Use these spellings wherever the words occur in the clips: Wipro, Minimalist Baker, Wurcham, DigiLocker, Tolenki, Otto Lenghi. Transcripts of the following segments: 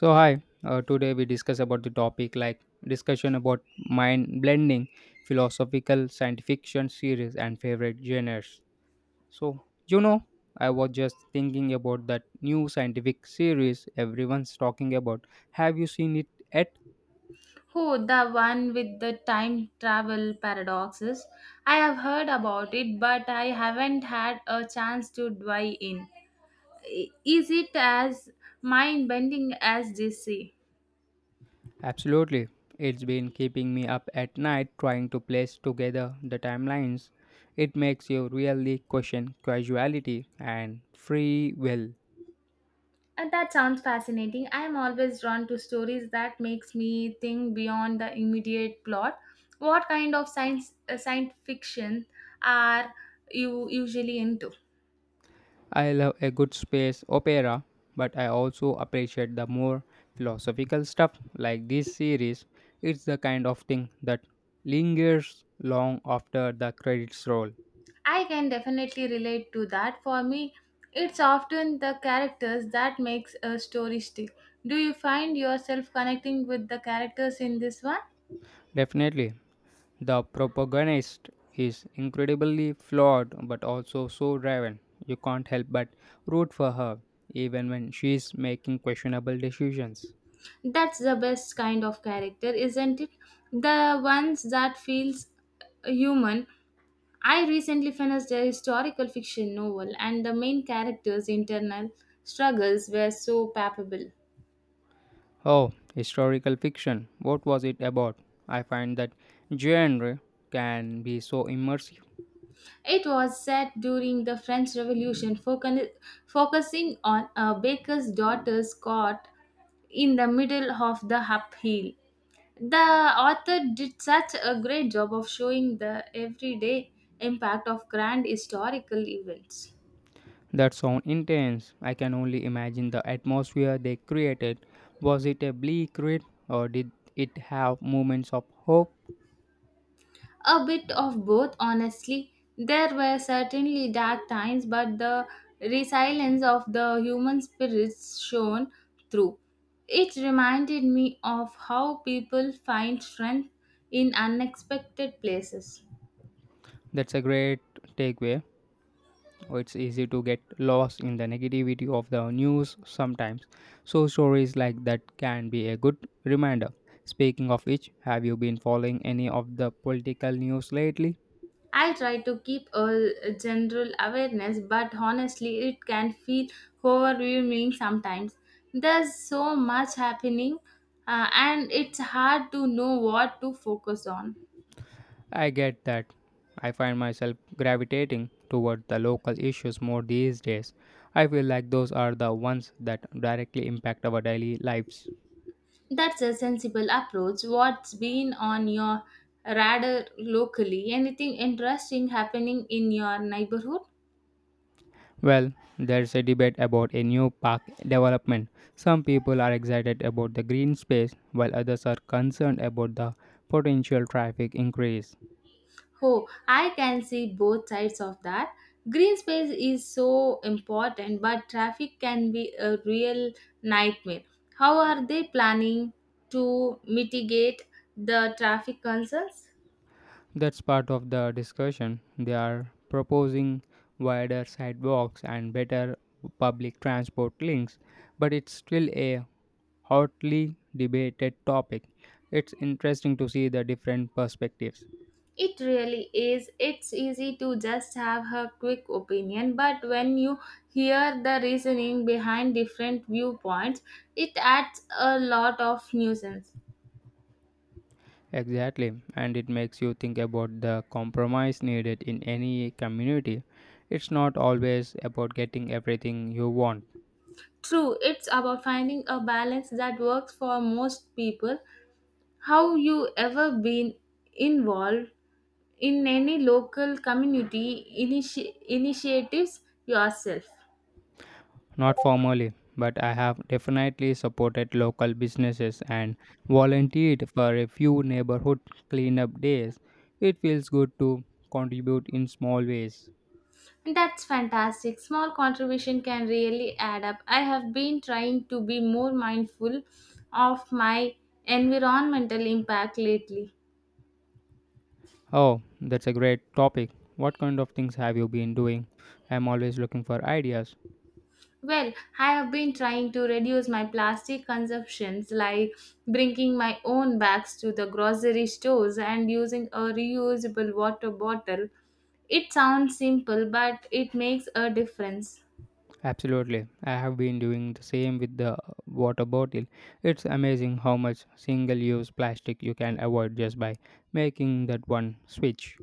So hi, today we discuss about the topic like discussion about mind blending, philosophical science fiction series and favorite genres. So you know, I was just thinking about that new scientific series everyone's talking about. Have you seen it yet? Oh, the one with the time travel paradoxes. I have heard about it, but I haven't had a chance to dive in. Is it as mind bending as they say? Absolutely. It's been keeping me up at night trying to place together the timelines. It makes you really question causality and free will. And that sounds fascinating. I am always drawn to stories that makes me think beyond the immediate plot. What kind of science fiction are you usually into? I love a good space opera, but I also appreciate the more philosophical stuff like this series. It's the kind of thing that lingers long after the credits roll. I can definitely relate to that. For me, it's often the characters that makes a story stick. Do you find yourself connecting with the characters in this one? Definitely, the protagonist is incredibly flawed but also so driven. You can't help but root for her, even when she's making questionable decisions. That's the best kind of character, isn't it? The ones that feels human. I recently finished a historical fiction novel and the main character's internal struggles were so palpable. Oh, historical fiction. What was it about? I find that genre can be so immersive. It was set during the French Revolution, focusing on a baker's daughter's caught in the middle of the upheaval. The author did such a great job of showing the everyday impact of grand historical events. That sound intense. I can only imagine the atmosphere they created. Was it a bleak read or did it have moments of hope? A bit of both, honestly. There were certainly dark times, but the resilience of the human spirits shone through. It reminded me of how people find strength in unexpected places. That's a great takeaway. Oh, it's easy to get lost in the negativity of the news sometimes. So stories like that can be a good reminder. Speaking of which, have you been following any of the political news lately? I try to keep a general awareness, but honestly, it can feel overwhelming sometimes. There's so much happening, and it's hard to know what to focus on. I get that. I find myself gravitating toward the local issues more these days. I feel like those are the ones that directly impact our daily lives. That's a sensible approach. What's been on your radar locally? Anything interesting happening in your neighborhood? Well, there's a debate about a new park development. Some people are excited about the green space, while others are concerned about the potential traffic increase. Oh, I can see both sides of that. Green space is so important, but traffic can be a real nightmare. How are they planning to mitigate the traffic concerns? That's part of the discussion. They are proposing wider sidewalks and better public transport links, but it's still a hotly debated topic. It's interesting to see the different perspectives. It really is. It's easy to just have her quick opinion, but when you hear the reasoning behind different viewpoints, it adds a lot of nuisance. Exactly, and it makes you think about the compromise needed in any community. It's not always about getting everything you want, True, it's about finding a balance that works for most people. How you ever been involved in any local community initiatives yourself? not formally, but I have definitely supported local businesses and volunteered for a few neighborhood cleanup days. It feels good to contribute in small ways. That's fantastic. Small contribution can really add up. I have been trying to be more mindful of my environmental impact lately. Oh, that's a great topic. What kind of things have you been doing? I'm always looking for ideas. Well, I have been trying to reduce my plastic consumptions like bringing my own bags to the grocery stores and using a reusable water bottle. It sounds simple, but it makes a difference. Absolutely. I have been doing the same with the water bottle. It's amazing how much single use plastic you can avoid just by making that one switch.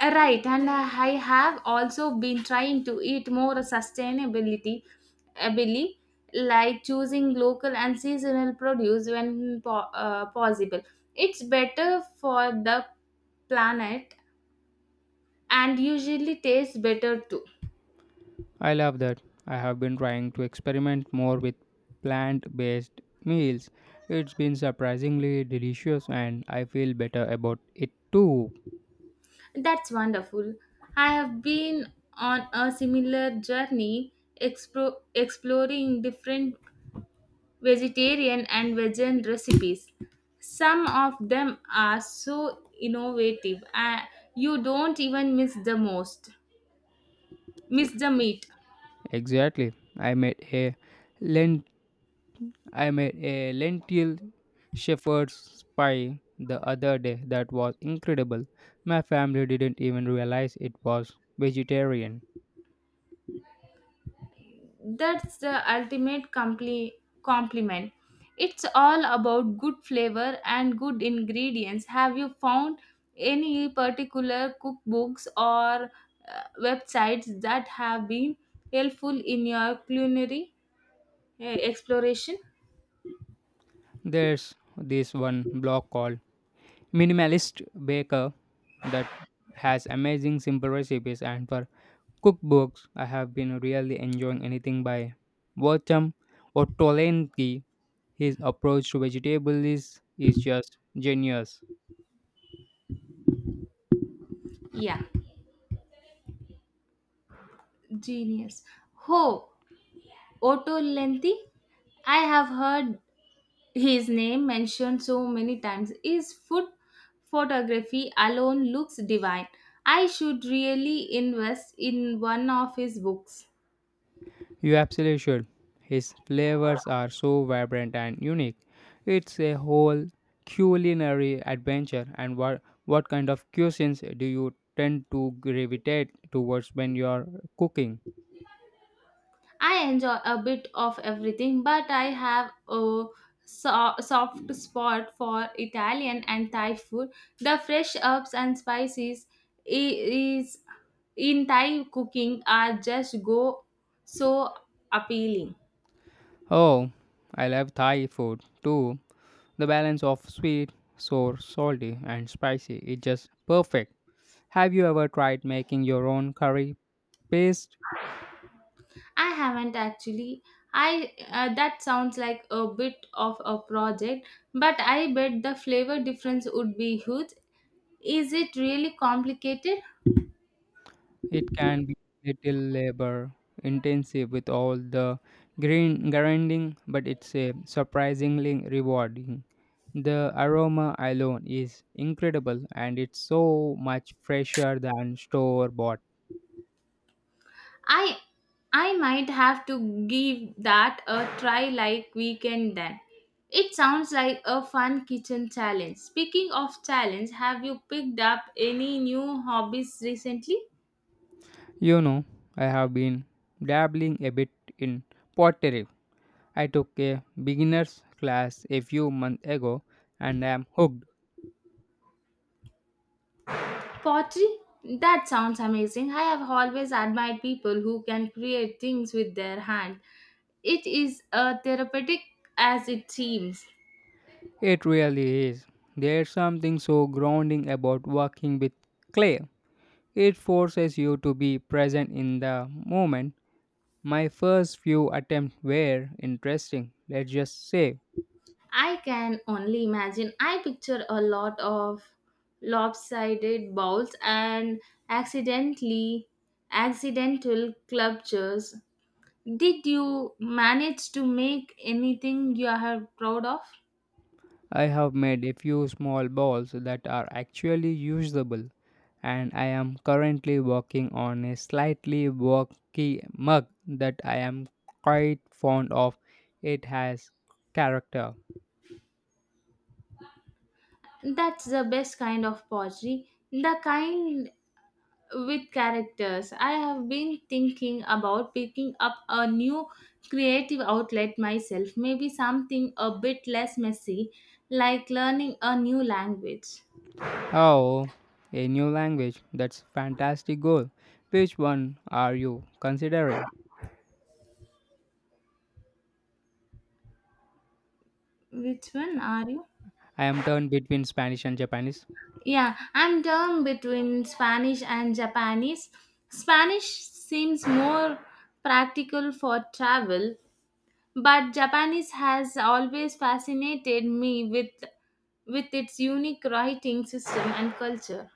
Right, and I have also been trying to eat more sustainability, ably, like choosing local and seasonal produce when possible. It's better for the planet and usually tastes better too. I love that. I have been trying to experiment more with plant based meals. It's been surprisingly delicious and I feel better about it too. That's wonderful. I have been on a similar journey, exploring different vegetarian and vegan recipes. Some of them are so innovative, you don't even miss the meat. Exactly. I made a lentil shepherd's pie the other day that was incredible. My family didn't even realize it was vegetarian. That's the ultimate compliment. It's all about good flavor and good ingredients. Have you found any particular cookbooks or websites that have been helpful in your culinary exploration? There's this one blog called Minimalist Baker that has amazing simple recipes, and for cookbooks I have been really enjoying anything by Wurcham or Tolenki. His approach to vegetables is just genius. Yeah, genius. Oh, Otto Lenghi? I have heard his name mentioned so many times. His food photography alone looks divine. I should really invest in one of his books. You absolutely should. His flavors are so vibrant and unique. It's a whole culinary adventure. And what kind of cuisines do you tend to gravitate towards when you're cooking? I enjoy a bit of everything, but I have a soft spot for Italian and Thai food. The fresh herbs and spices is in Thai cooking are just go so appealing. Oh, I love Thai food too. The balance of sweet, sour, salty, and spicy is just perfect. Have you ever tried making your own curry paste? I haven't actually. I That sounds like a bit of a project, but I bet the flavor difference would be huge. Is it really complicated? It can be little labor intensive with all the green grinding, but it's a surprisingly rewarding. The aroma alone is incredible and it's so much fresher than store bought. I I might have to give that a try like weekend then. It sounds like a fun kitchen challenge. Speaking of challenge, have you picked up any new hobbies recently? You know, I have been dabbling a bit in pottery. I took a beginner's class a few months ago and am hooked. Pottery? That sounds amazing. I have always admired people who can create things with their hand. It is a therapeutic as it seems. It really is. There's something so grounding about working with clay. It forces you to be present in the moment. My first few attempts were interesting, let's just say. I can only imagine. I picture a lot of lopsided bowls and accidentally accidental clutches. Did you manage to make anything you are proud of? I have made a few small balls that are actually usable, and I am currently working on a slightly wonky mug that I am quite fond of. It has character. That's the best kind of pottery, the kind with characters. I have been thinking about picking up a new creative outlet myself, maybe something a bit less messy, like learning a new language. Oh, a new language. That's fantastic goal. Which one are you considering? Which one are you? I am turned between Spanish and Japanese. Yeah, I'm torn between Spanish and Japanese. Spanish seems more practical for travel, but Japanese has always fascinated me with its unique writing system and culture.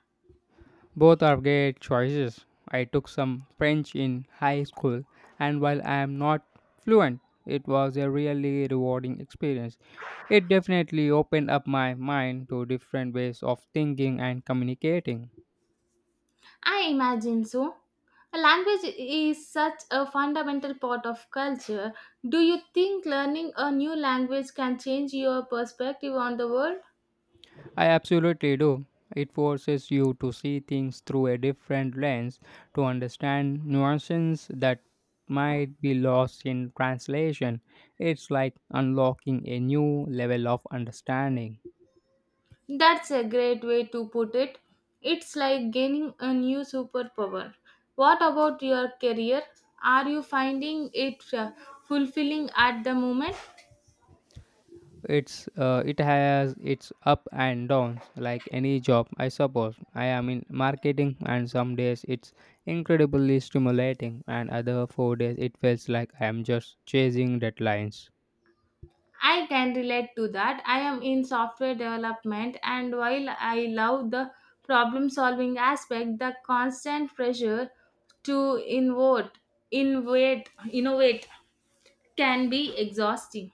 Both are great choices. I took some French in high school, and while I am not fluent, it was a really rewarding experience. It definitely opened up my mind to different ways of thinking and communicating. I imagine so. A language is such a fundamental part of culture. Do you think learning a new language can change your perspective on the world? I absolutely do. It forces you to see things through a different lens, to understand nuances that might be lost in translation. It's like unlocking a new level of understanding. That's a great way to put it. It's like gaining a new superpower. What about your career? Are you finding it fulfilling at the moment? It has its up and downs like any job, I suppose. I am in marketing, and some days it's incredibly stimulating, and other 4 days it feels like I am just chasing deadlines. I can relate to that. I am in software development, and while I love the problem solving aspect, the constant pressure to innovate can be exhausting.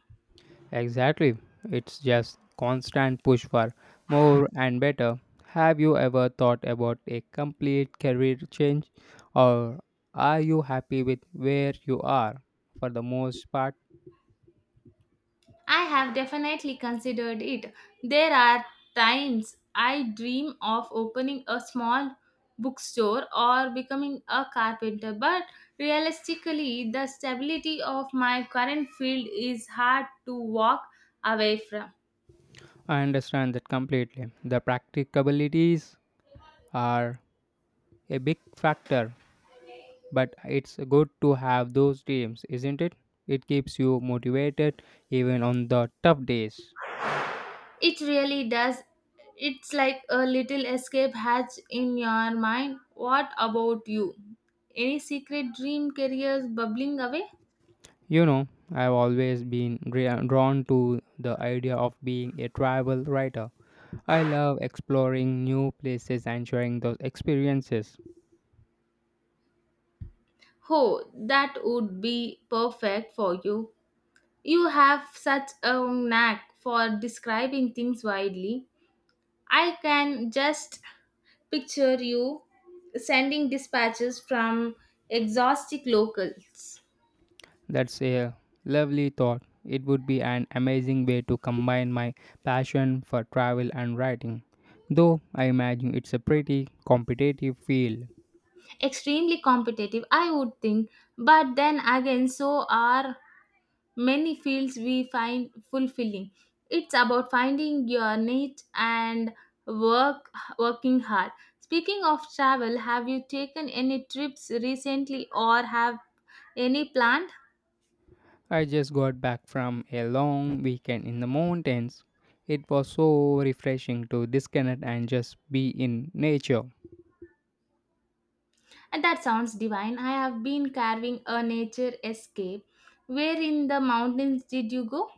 Exactly. It's just constant push for more and better. Have you ever thought about a complete career change, or are you happy with where you are for the most part? I have definitely considered it. There are times I dream of opening a small bookstore or becoming a carpenter, but realistically, the stability of my current field is hard to walk away from. I understand that completely. The practicabilities are a big factor, but it's good to have those dreams, isn't it? It keeps you motivated even on the tough days. It really does. It's like a little escape hatch in your mind. What about you? Any secret dream careers bubbling away? You know, I've always been drawn to the idea of being a travel writer. I love exploring new places and sharing those experiences. Oh, that would be perfect for you. You have such a knack for describing things widely. I can just picture you sending dispatches from exhaustic locals. That's a lovely thought. It would be an amazing way to combine my passion for travel and writing. Though I imagine it's a pretty competitive field. Extremely competitive, I would think, but then again, so are many fields we find fulfilling. It's about finding your niche and work working hard. Speaking of travel, have you taken any trips recently or have any planned? I just got back from a long weekend in the mountains. It was so refreshing to disconnect and just be in nature. And that sounds divine. I have been carving a nature escape. Where in the mountains did you go?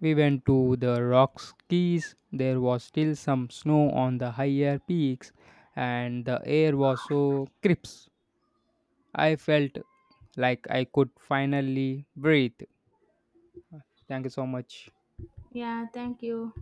We went to the Rockies. There was still some snow on the higher peaks, and the air was so crisp. I felt like I could finally breathe. Thank you so much. Yeah, thank you.